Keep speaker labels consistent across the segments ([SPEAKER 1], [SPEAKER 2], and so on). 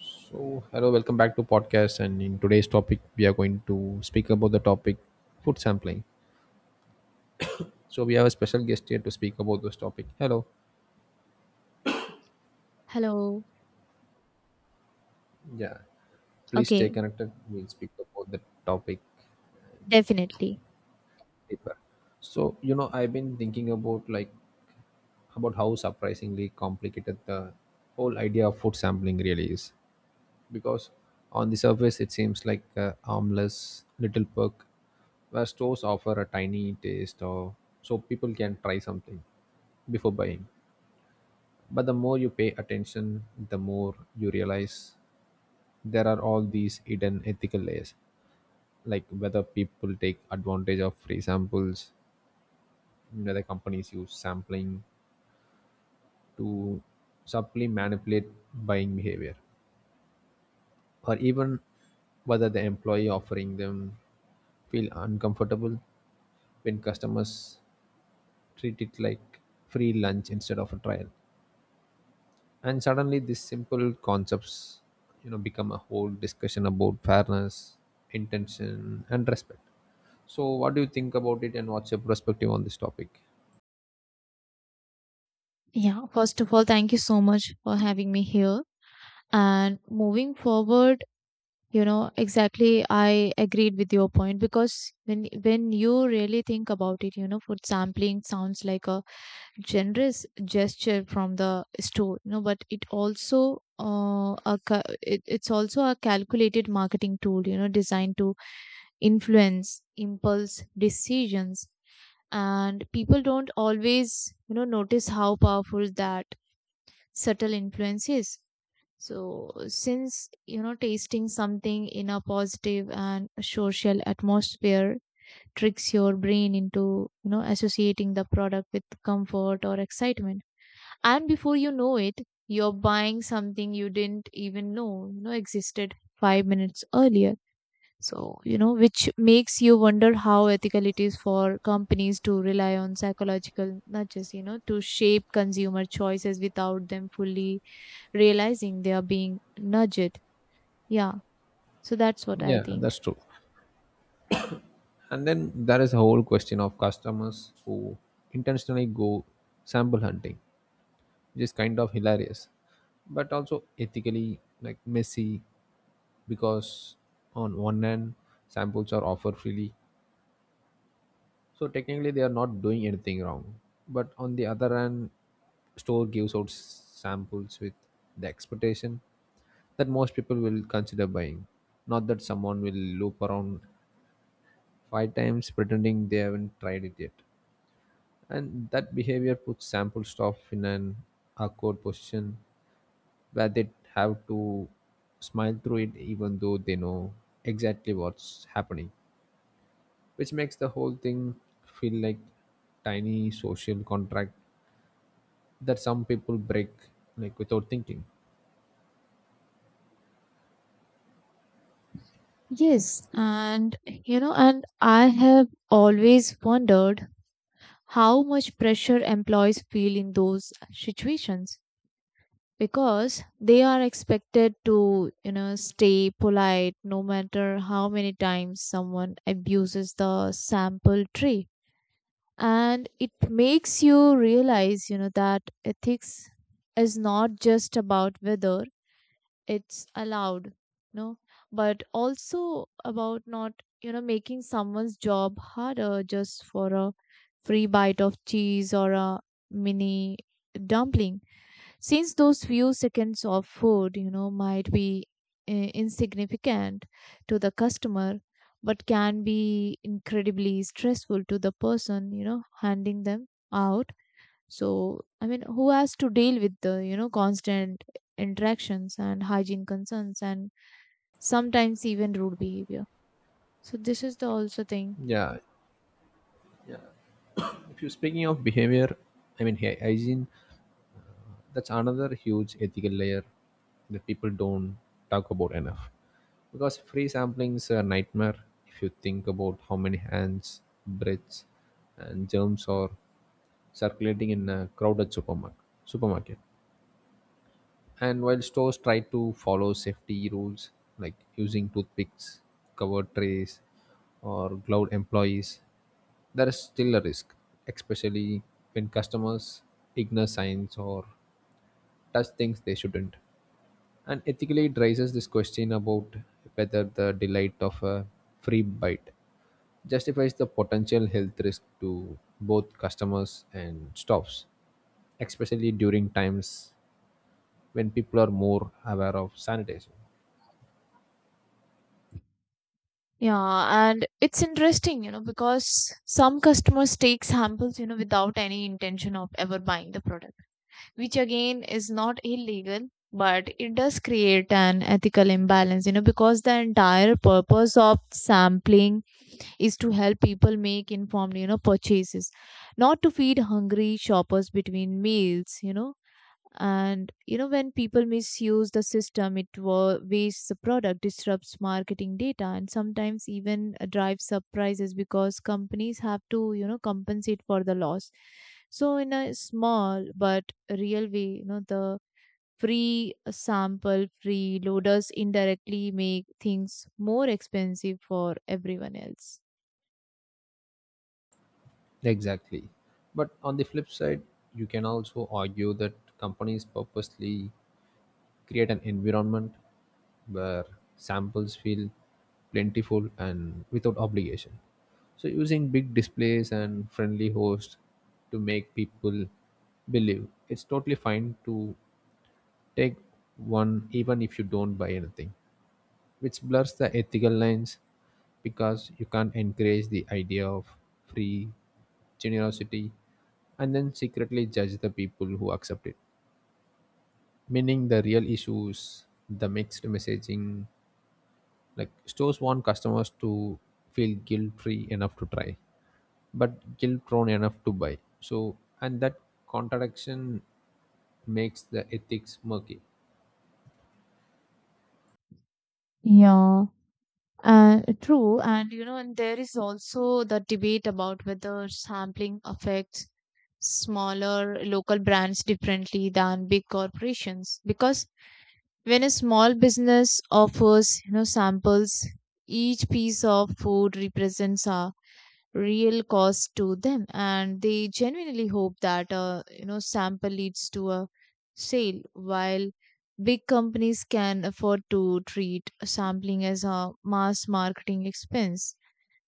[SPEAKER 1] So, hello, welcome back to podcast. And in today's topic, we are going to speak about the topic food sampling. So, we have a special guest here to speak about this topic. Hello,
[SPEAKER 2] Hello.
[SPEAKER 1] yeah, please stay
[SPEAKER 2] Okay,
[SPEAKER 1] connected. We'll speak about the topic
[SPEAKER 2] definitely.
[SPEAKER 1] deeper. So, I've been thinking about like about how surprisingly complicated the whole idea of food sampling really is, because on the surface it seems like a harmless little perk where stores offer a tiny taste or so people can try something before buying. But the more you pay attention, the more you realize there are all these hidden ethical layers, like whether people take advantage of free samples, whether companies use sampling to subtly manipulate buying behavior, or even whether the employee offering them feel uncomfortable when customers treat it like free lunch instead of a trial. And suddenly these simple concepts become a whole discussion about fairness, intention, and respect. So what do you think about it, and what's your perspective on this topic?
[SPEAKER 2] Yeah, first of all, thank you so much for having me here. And moving forward, you know, exactly I agreed with your point because when you really think about it, you know, food sampling sounds like a generous gesture from the store, you know, but it also it's also a calculated marketing tool, you know, designed to influence impulse decisions. And people don't always, you know, notice how powerful that subtle influence is. So since, you know, tasting something in a positive and social atmosphere tricks your brain into, you know, associating the product with comfort or excitement, and before you know it, you're buying something you didn't even know, you know, existed 5 minutes earlier. So, you know, which makes you wonder how ethical it is for companies to rely on psychological nudges, you know, to shape consumer choices without them fully realizing they are being nudged. Yeah. So that's what I
[SPEAKER 1] Yeah,
[SPEAKER 2] think.
[SPEAKER 1] that's true. And then there is a whole question of customers who intentionally go sample hunting, which is kind of hilarious but also ethically like messy, because on one hand samples are offered freely, so technically, they are not doing anything wrong. But on the other hand, store gives out samples with the expectation that most people will consider buying. Not that someone will loop around five times pretending they haven't tried it yet. And that behavior puts sample stuff in an awkward position where they have to smile through it even though they know exactly what's happening, which makes the whole thing feel like tiny social contract that some people break like without thinking.
[SPEAKER 2] Yes. And, you know, and I have always wondered how much pressure employees feel in those situations, because they are expected to, you know, stay polite no matter how many times someone abuses the sample tree. And it makes you realize, you know, that ethics is not just about whether it's allowed, no, but also about not, you know, making someone's job harder just for a free bite of cheese or a mini dumpling, since those few seconds of food, you know, might be insignificant to the customer, but can be incredibly stressful to the person, you know, handing them out. So, I mean, who has to deal with the, you know, constant interactions and hygiene concerns and sometimes even rude behavior. So, this is the also thing.
[SPEAKER 1] Yeah, if you're speaking of behavior, I mean hygiene, that's another huge ethical layer that people don't talk about enough, because free sampling's a nightmare if you think about how many hands, breaths, and germs are circulating in a crowded supermarket. And while stores try to follow safety rules like using toothpicks, covered trays, or gloved employees, there is still a risk, especially when customers ignore signs or touch things they shouldn't. And ethically, it raises this question about whether the delight of a free bite justifies the potential health risk to both customers and staffs, especially during times when people are more aware of sanitation.
[SPEAKER 2] Yeah, and it's interesting, you know, because some customers take samples, you know, without any intention of ever buying the product, which again is not illegal, but it does create an ethical imbalance, you know, because the entire purpose of sampling is to help people make informed, you know, purchases, not to feed hungry shoppers between meals, you know. And you know, when people misuse the system, it wastes the product, disrupts marketing data, and sometimes even drives up prices because companies have to, you know, compensate for the loss. So, in a small but real way, you know, the free sample freeloaders indirectly make things more expensive for everyone else.
[SPEAKER 1] Exactly. But on the flip side, you can also argue that companies purposely create an environment where samples feel plentiful and without obligation. So, using big displays and friendly hosts to make people believe it's totally fine to take one even if you don't buy anything, which blurs the ethical lines, because you can't encourage the idea of free generosity and then secretly judge the people who accept it. Meaning the real issues the mixed messaging, like stores want customers to feel guilt free enough to try but guilt prone enough to buy. So, and that contradiction makes the ethics murky.
[SPEAKER 2] Yeah. True, and you know, and there is also the debate about whether sampling affects smaller local brands differently than big corporations, because when a small business offers, you know, samples, each piece of food represents a real cost to them, and they genuinely hope that a, you know, sample leads to a sale, while big companies can afford to treat sampling as a mass marketing expense.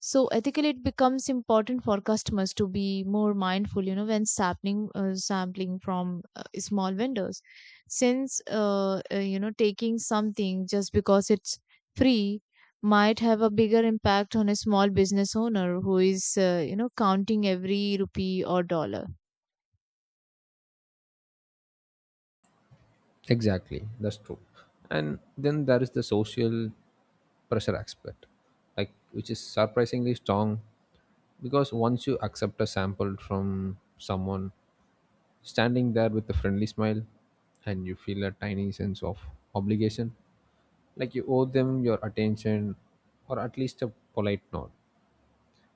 [SPEAKER 2] So ethically, it becomes important for customers to be more mindful, you know, when sampling from small vendors, since you know, taking something just because it's free might have a bigger impact on a small business owner who is you know, counting every rupee or dollar.
[SPEAKER 1] Exactly, that's true. And then there is the social pressure expert, like which is surprisingly strong, because once you accept a sample from someone standing there with a friendly smile, and you feel a tiny sense of obligation, like you owe them your attention or at least a polite nod.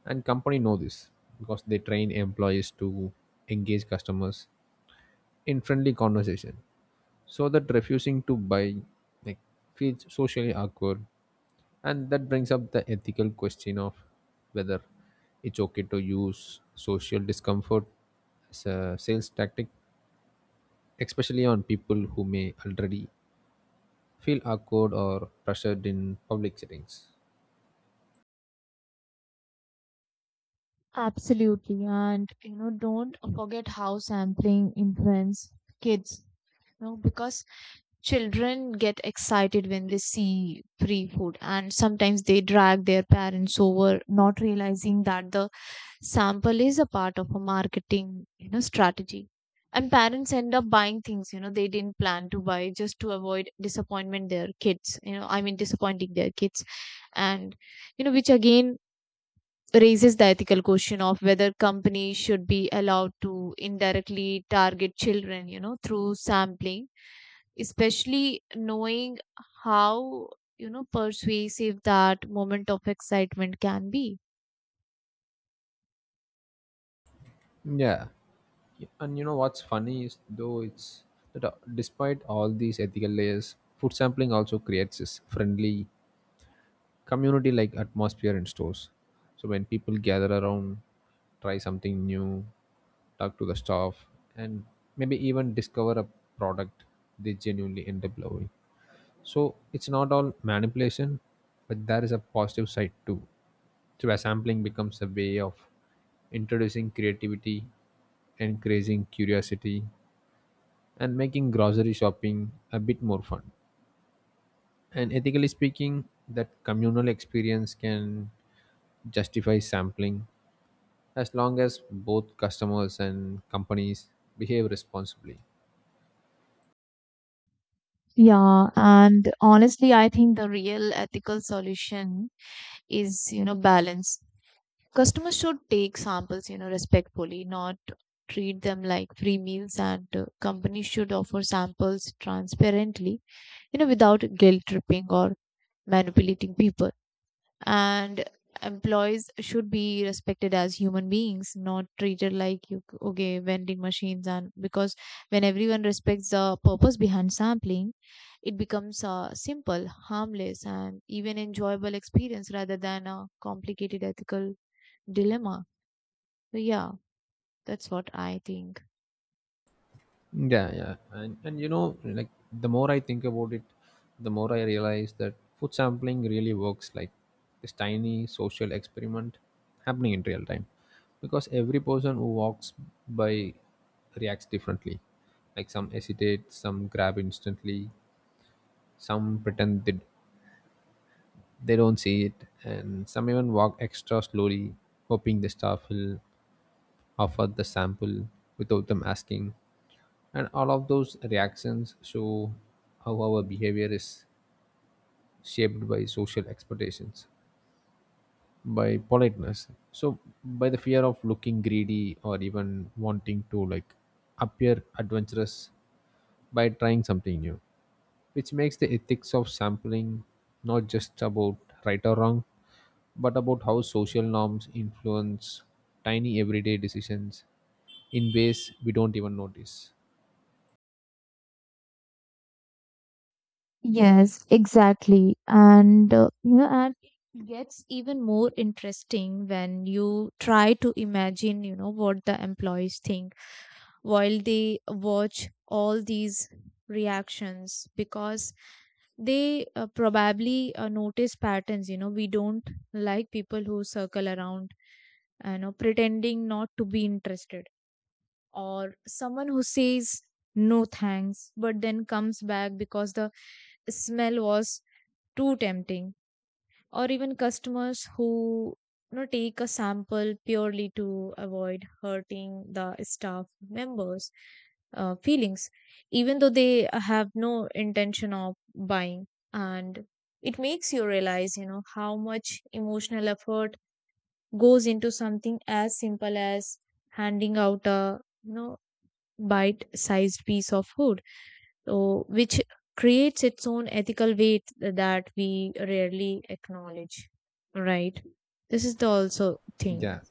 [SPEAKER 1] And company know this because they train employees to engage customers in friendly conversation, so that refusing to buy like feels socially awkward. And that brings up the ethical question of whether it's okay to use social discomfort as a sales tactic, especially on people who may already feel awkward or pressured in public settings.
[SPEAKER 2] Absolutely, and you know, don't forget how sampling influence kids. You know, because children get excited when they see free food, and sometimes they drag their parents over, not realizing that the sample is a part of a marketing, you know, strategy. And parents end up buying things, you know, they didn't plan to buy just to avoid disappointment their kids, you know, I mean disappointing their kids. And, you know, which again raises the ethical question of whether companies should be allowed to indirectly target children, you know, through sampling, especially knowing how, you know, persuasive that moment of excitement can be.
[SPEAKER 1] Yeah. And you know what's funny is, though, it's that despite all these ethical layers, food sampling also creates this friendly community like atmosphere in stores. So when people gather around, try something new, talk to the staff, and maybe even discover a product they genuinely end up loving. So it's not all manipulation, but there is a positive side too. So where sampling becomes a way of introducing creativity, encouraging curiosity, and making grocery shopping a bit more fun. And ethically speaking, that communal experience can justify sampling as long as both customers and companies behave responsibly.
[SPEAKER 2] Yeah, and honestly, I think the real ethical solution is, you know, balance. Customers should take samples, you know, respectfully, not treat them like free meals, and companies should offer samples transparently, you know, without guilt tripping or manipulating people. And employees should be respected as human beings, not treated like you okay vending machines. And because when everyone respects the purpose behind sampling, it becomes a simple, harmless, and even enjoyable experience rather than a complicated ethical dilemma. So yeah, that's what I think.
[SPEAKER 1] Yeah, yeah, and like the more I think about it, the more I realize that food sampling really works like this tiny social experiment happening in real time, because every person who walks by reacts differently, like some hesitate, some grab instantly, some pretend they don't see it, and some even walk extra slowly hoping the staff will offer the sample without them asking. And all of those reactions show how our behavior is shaped by social expectations, by politeness, so by the fear of looking greedy, or even wanting to like appear adventurous by trying something new, which makes the ethics of sampling not just about right or wrong, but about how social norms influence tiny everyday decisions in ways we don't even notice.
[SPEAKER 2] Yes, exactly. And you know, and it gets even more interesting when you try to imagine, you know, what the employees think while they watch all these reactions, because they probably notice patterns, you know, we don't, like people who circle around, you know, pretending not to be interested, or someone who says no thanks but then comes back because the smell was too tempting, or even customers who, you know, take a sample purely to avoid hurting the staff members' feelings even though they have no intention of buying. And it makes you realize, you know, how much emotional effort goes into something as simple as handing out a, you know, bite sized piece of food. So which creates its own ethical weight that we rarely acknowledge, right? This is the also thing.
[SPEAKER 1] Yeah,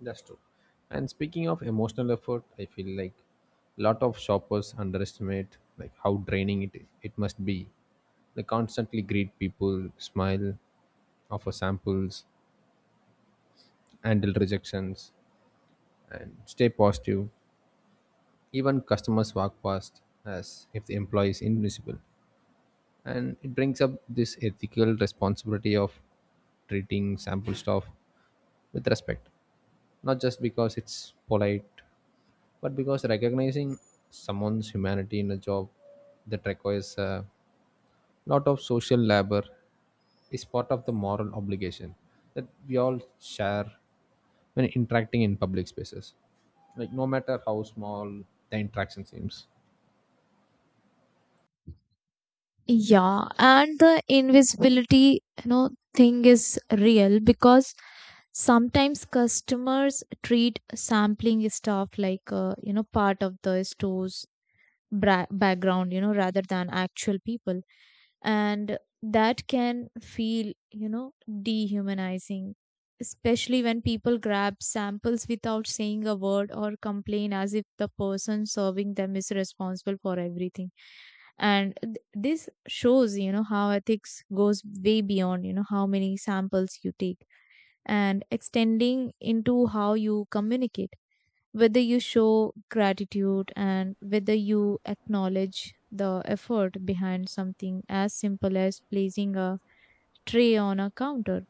[SPEAKER 1] that's true. And speaking of emotional effort, I feel like a lot of shoppers underestimate like how draining it must be. They constantly greet people, smile, offer samples, handle rejections, and stay positive. Even customers walk past as if the employee is invisible. And it brings up this ethical responsibility of treating sample stuff with respect, not just because it's polite, but because recognizing someone's humanity in a job that requires a lot of social labor is part of the moral obligation that we all share when interacting in public spaces, like no matter how small the interaction seems.
[SPEAKER 2] Yeah, and the invisibility, you know, thing is real, because sometimes customers treat sampling stuff like, you know, part of the store's background, you know, rather than actual people. And that can feel, you know, dehumanizing, especially when people grab samples without saying a word or complain as if the person serving them is responsible for everything. And this shows, you know, how ethics goes way beyond, you know, how many samples you take, and extending into how you communicate, whether you show gratitude and whether you acknowledge the effort behind something as simple as placing a tray on a counter.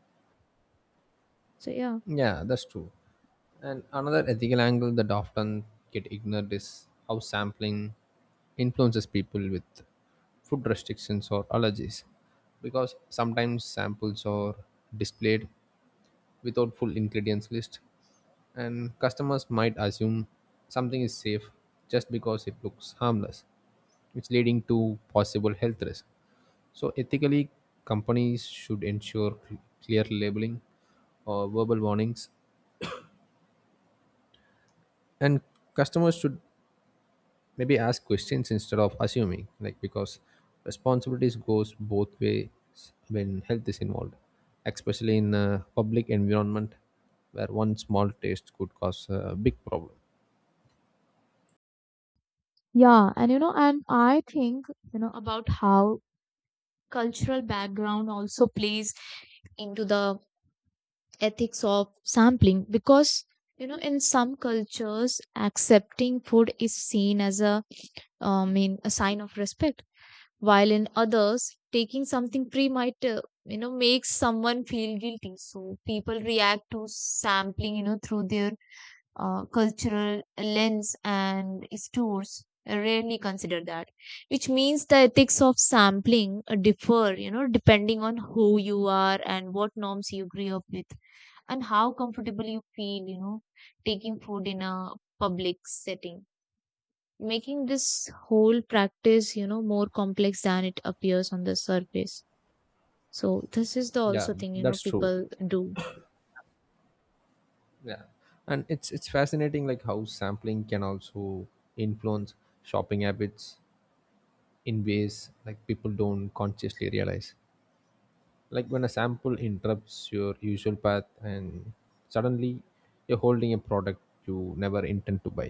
[SPEAKER 2] So, yeah.
[SPEAKER 1] Yeah, that's true. And another ethical angle that often get ignored is how sampling influences people with food restrictions or allergies. Because sometimes samples are displayed without full ingredients list, and customers might assume something is safe just because it looks harmless, which leading to possible health risk. So ethically, companies should ensure clear labeling or verbal warnings, and customers should maybe ask questions instead of assuming, like because responsibilities goes both ways when health is involved, especially in a public environment where one small taste could cause a big problem.
[SPEAKER 2] Yeah, and you know, and I think, you know, about how cultural background also plays into the ethics of sampling because, you know, in some cultures, accepting food is seen as a, mean, a sign of respect, while in others taking something free might, you know, makes someone feel guilty. So people react to sampling, you know, through their cultural lens, and stores rarely consider that, which means the ethics of sampling differ, you know, depending on who you are and what norms you grew up with, and how comfortable you feel, you know, taking food in a public setting, making this whole practice, you know, more complex than it appears on the surface. So this is the
[SPEAKER 1] Yeah,
[SPEAKER 2] also thing, you know,
[SPEAKER 1] that's true.
[SPEAKER 2] people do.
[SPEAKER 1] Yeah, and it's fascinating like how sampling can also influence shopping habits in ways like people don't consciously realize, like when a sample interrupts your usual path and suddenly you're holding a product you never intend to buy,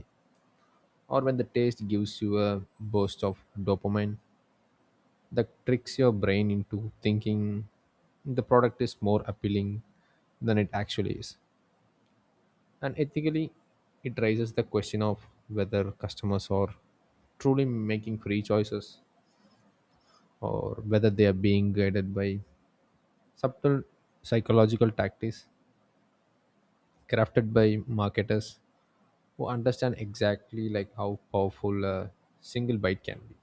[SPEAKER 1] or when the taste gives you a burst of dopamine that tricks your brain into thinking the product is more appealing than it actually is. And ethically, it raises the question of whether customers are truly making free choices, or whether they are being guided by subtle psychological tactics crafted by marketers who understand exactly like how powerful a single bite can be.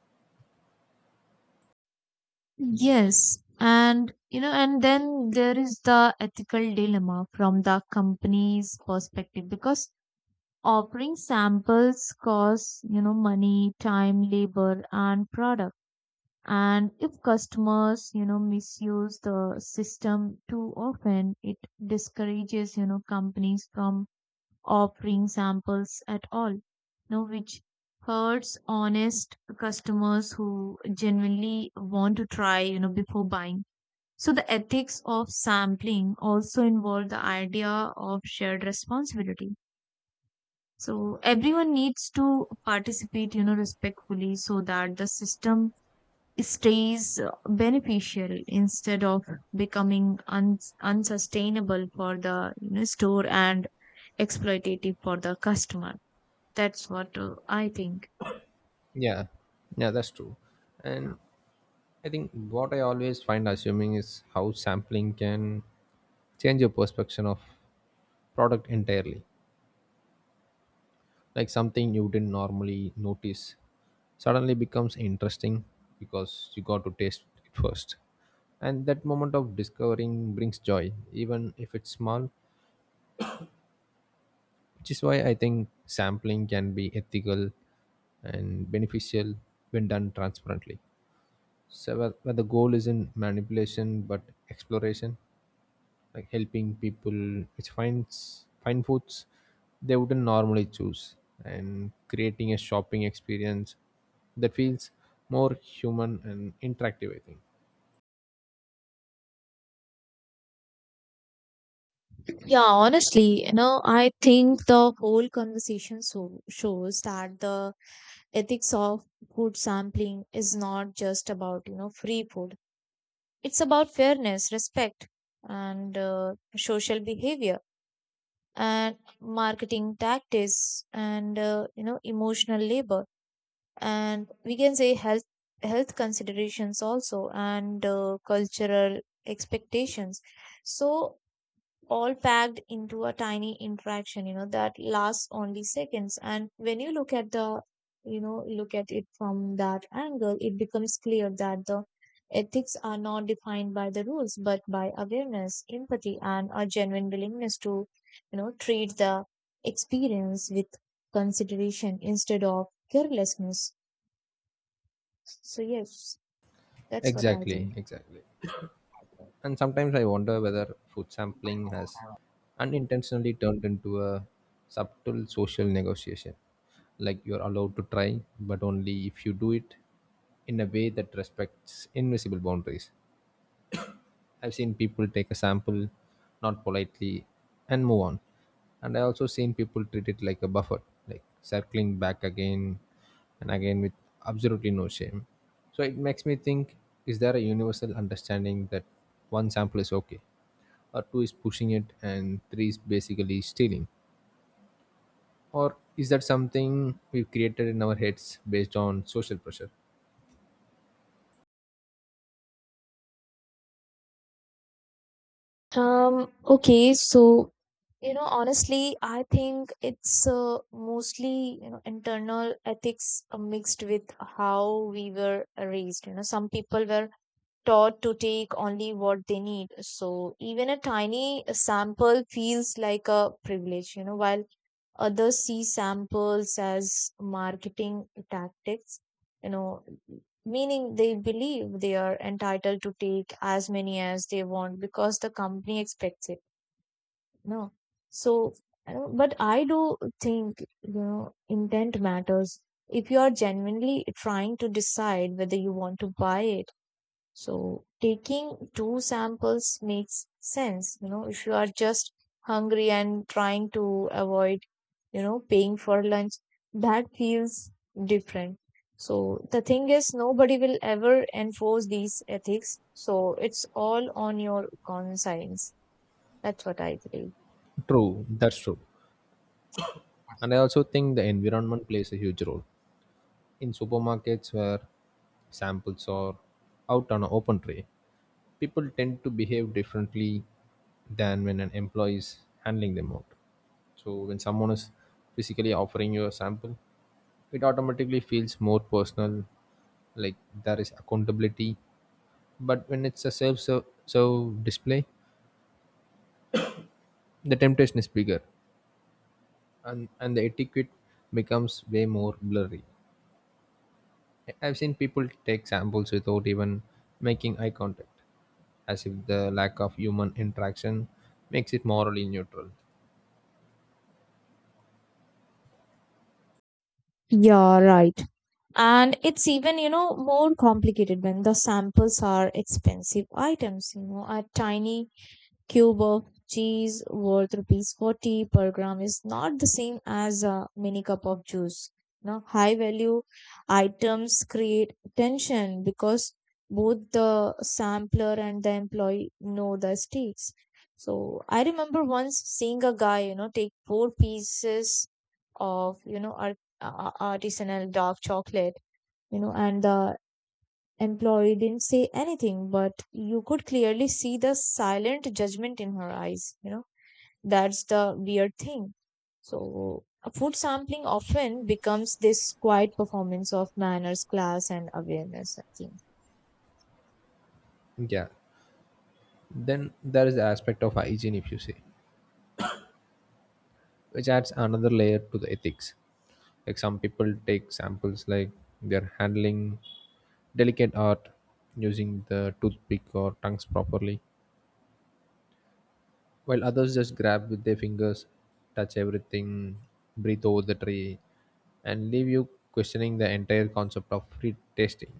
[SPEAKER 2] Yes, and you know, and then there is the ethical dilemma from the company's perspective, because offering samples costs, you know, money, time, labor, and product. And if customers, you know, misuse the system too often, it discourages, you know, companies from offering samples at all, you know, which hurts honest customers who genuinely want to try, you know, before buying. So the ethics of sampling also involve the idea of shared responsibility. So everyone needs to participate, you know, respectfully so that the system stays beneficial instead of becoming unsustainable for the, you know, store and exploitative for the customer. That's what I think.
[SPEAKER 1] Yeah, yeah, that's true. And I think what I always find assuming is how sampling can change your perception of product entirely, like something you didn't normally notice suddenly becomes interesting because you got to taste it first, and that moment of discovering brings joy even if it's small, which is why I think sampling can be ethical and beneficial when done transparently. So, where the goal isn't manipulation but exploration, like helping people which finds find foods they wouldn't normally choose, and creating a shopping experience that feels more human and interactive. I think
[SPEAKER 2] Yeah, honestly, you know, I think the whole conversation so shows that the ethics of food sampling is not just about, you know, free food. It's about fairness, respect, and social behavior, and marketing tactics, and you know, emotional labor, and we can say health considerations also, and cultural expectations. So all packed into a tiny interaction, you know, that lasts only seconds. And when you look at the, you know, look at it from that angle, it becomes clear that the ethics are not defined by the rules, but by awareness, empathy, and a genuine willingness to, you know, treat the experience with consideration instead of carelessness. So, yes, that's what I
[SPEAKER 1] exactly,
[SPEAKER 2] think.
[SPEAKER 1] exactly. And sometimes I wonder whether food sampling has unintentionally turned into a subtle social negotiation. Like you're allowed to try, but only if you do it in a way that respects invisible boundaries. I've seen people take a sample, not politely, and move on. And I also seen people treat it like a buffet, like circling back again and again with absolutely no shame. So it makes me think, is there a universal understanding that one sample is okay, or two is pushing it and three is basically stealing? Or is that something we've created in our heads based on social pressure?
[SPEAKER 2] Okay, so you know, honestly, I think it's mostly, you know, internal ethics mixed with how we were raised. You know, some people were taught to take only what they need, so even a tiny sample feels like a privilege. You know, while others see samples as marketing tactics, you know, meaning they believe they are entitled to take as many as they want because the company expects it. No. So, I do think, you know, intent matters. If you are genuinely trying to decide whether you want to buy it, so taking two samples makes sense. You know, if you are just hungry and trying to avoid, you know, paying for lunch, that feels different. So the thing is, nobody will ever enforce these ethics. So it's all on your conscience. That's what I believe.
[SPEAKER 1] True, that's true. And I also think the environment plays a huge role in supermarkets where samples are out on an open tray. People tend to behave differently than when an employee is handling them out. So when someone is physically offering you a sample, it automatically feels more personal, like there is accountability. But when it's a self serve display, the temptation is bigger, and the etiquette becomes way more blurry. I've seen people take samples without even making eye contact, as if the lack of human interaction makes it morally neutral.
[SPEAKER 2] Yeah, right. And it's even, you know, more complicated when the samples are expensive items. You know, are tiny cube of cheese worth rupees 40 per gram is not the same as a mini cup of juice. Now, high value items create tension because both the sampler and the employee know the stakes. So, I remember once seeing a guy, you know, take four pieces of, you know, artisanal dark chocolate, you know, and the employee didn't say anything, but you could clearly see the silent judgment in her eyes. You know, that's the weird thing. So, a food sampling often becomes this quiet performance of manners, class, and awareness, I think.
[SPEAKER 1] Yeah, then there is the aspect of hygiene if you say, which adds another layer to the ethics, like some people take samples like they're handling delicate art, using the toothpick or tongues properly, while others just grab with their fingers, touch everything, breathe over the tray, and leave you questioning the entire concept of free tasting.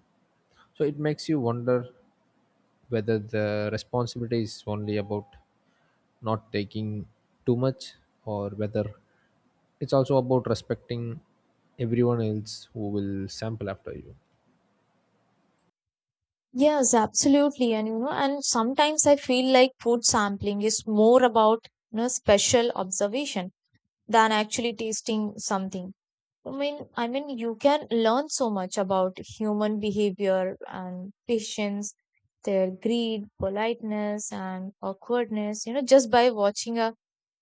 [SPEAKER 1] So it makes you wonder whether the responsibility is only about not taking too much, or whether it's also about respecting everyone else who will sample after you.
[SPEAKER 2] Yes, absolutely. And you know, and sometimes I feel like food sampling is more about, you know, special observation than actually tasting something. I mean, you can learn so much about human behavior and patience, their greed, politeness, and awkwardness, you know, just by watching a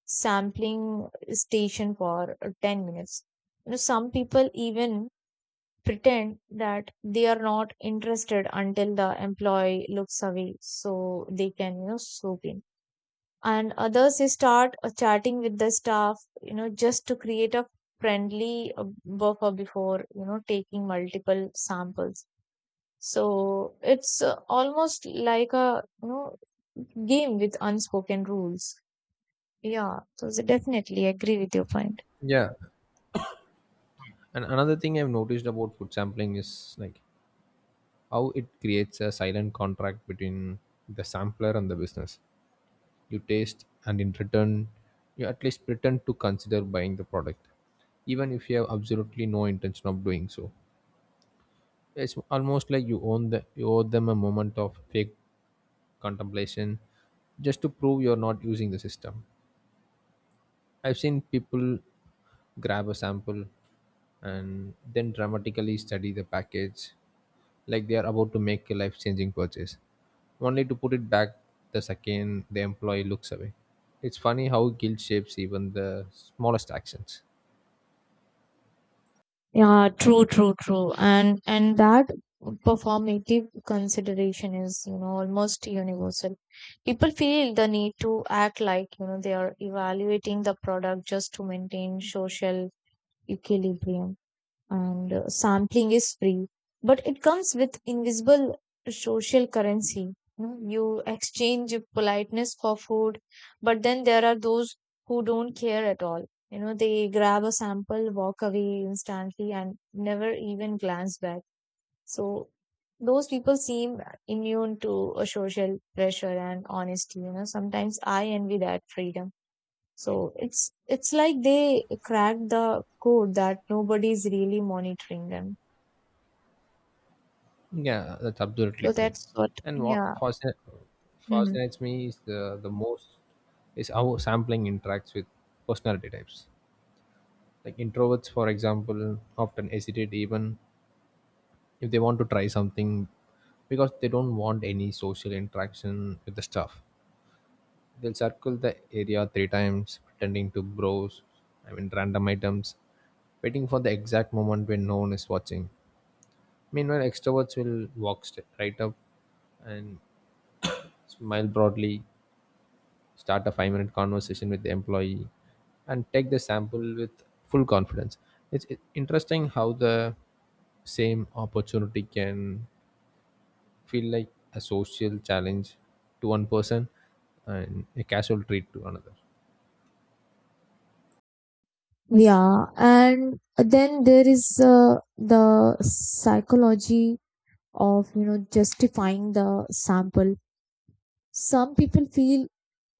[SPEAKER 2] sampling station for 10 minutes. You know, some people even pretend that they are not interested until the employee looks away so they can, you know, swoop in, and others they start chatting with the staff, you know, just to create a friendly buffer before, you know, taking multiple samples. So it's almost like a, you know, game with unspoken rules. Yeah, so definitely agree with your point.
[SPEAKER 1] Yeah. And another thing I've noticed about food sampling is like how it creates a silent contract between the sampler and the business. You taste, and in return, you at least pretend to consider buying the product, even if you have absolutely no intention of doing so. It's almost like you owe them a moment of fake contemplation, just to prove you're not using the system. I've seen people grab a sample and then dramatically study the package like they are about to make a life changing purchase, only to put it back the second the employee looks away. It's funny how guilt shapes even the smallest actions.
[SPEAKER 2] Yeah, true, true, true. And that performative consideration is, you know, almost universal. People feel the need to act like, you know, they are evaluating the product just to maintain social equilibrium, and sampling is free, but it comes with invisible social currency. You know, you exchange politeness for food, but then there are those who don't care at all. You know, they grab a sample, walk away instantly, and never even glance back. So those people seem immune to a social pressure, and honesty, you know, sometimes I envy that freedom. So it's like they cracked the code that nobody's really monitoring them.
[SPEAKER 1] Yeah, that's absolutely
[SPEAKER 2] So
[SPEAKER 1] true.
[SPEAKER 2] that's what,
[SPEAKER 1] And what
[SPEAKER 2] yeah.
[SPEAKER 1] fascinates,
[SPEAKER 2] Hmm.
[SPEAKER 1] fascinates me is the most is how sampling interacts with personality types. Like introverts, for example, often hesitate even if they want to try something because they don't want any social interaction with the staff. They'll circle the area 3 times, pretending to browse, I mean, random items, waiting for the exact moment when no one is watching. Meanwhile, extroverts will walk right up and smile broadly, start a 5-minute conversation with the employee, and take the sample with full confidence. It's interesting how the same opportunity can feel like a social challenge to one person and a casual treat to another.
[SPEAKER 2] Yeah, and then there is the psychology of, you know, justifying the sample. Some people feel, you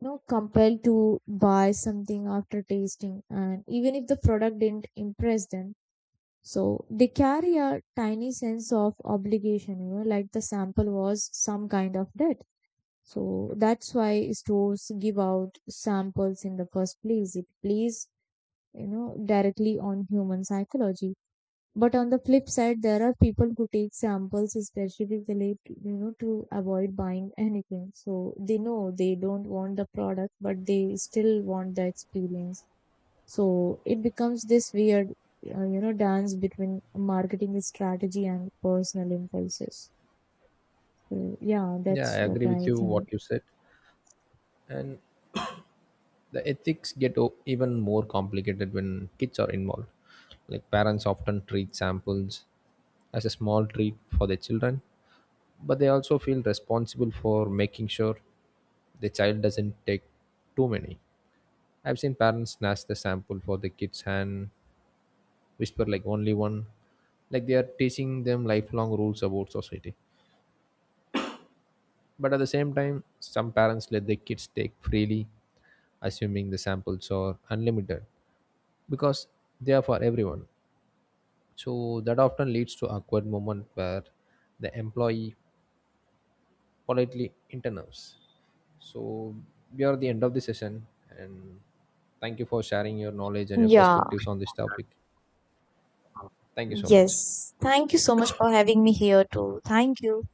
[SPEAKER 2] know, compelled to buy something after tasting, and even if the product didn't impress them, so they carry a tiny sense of obligation, you know, like the sample was some kind of debt. So that's why stores give out samples in the first place. It plays, you know, directly on human psychology. But on the flip side, there are people who take samples specifically, you know, to avoid buying anything. So they know they don't want the product, but they still want the experience. So it becomes this weird, you know, dance between marketing strategy and personal impulses. So, yeah,
[SPEAKER 1] Yeah, I
[SPEAKER 2] that's
[SPEAKER 1] agree
[SPEAKER 2] what
[SPEAKER 1] with
[SPEAKER 2] I
[SPEAKER 1] you what
[SPEAKER 2] think.
[SPEAKER 1] you said. And the ethics get even more complicated when kids are involved. Like parents often treat samples as a small treat for their children, but they also feel responsible for making sure the child doesn't take too many. I've seen parents snatch the sample for the kid's hand, whisper like only one, like they are teaching them lifelong rules about society. But at the same time, some parents let their kids take freely, assuming the samples are unlimited because they are for everyone. So that often leads to awkward moment where the employee politely interrupts. So we are at the end of the session, and thank you for sharing your knowledge and your
[SPEAKER 2] Yeah,
[SPEAKER 1] perspectives on this topic. Thank you so much.
[SPEAKER 2] yes. Thank you so much for having me here too. Thank you.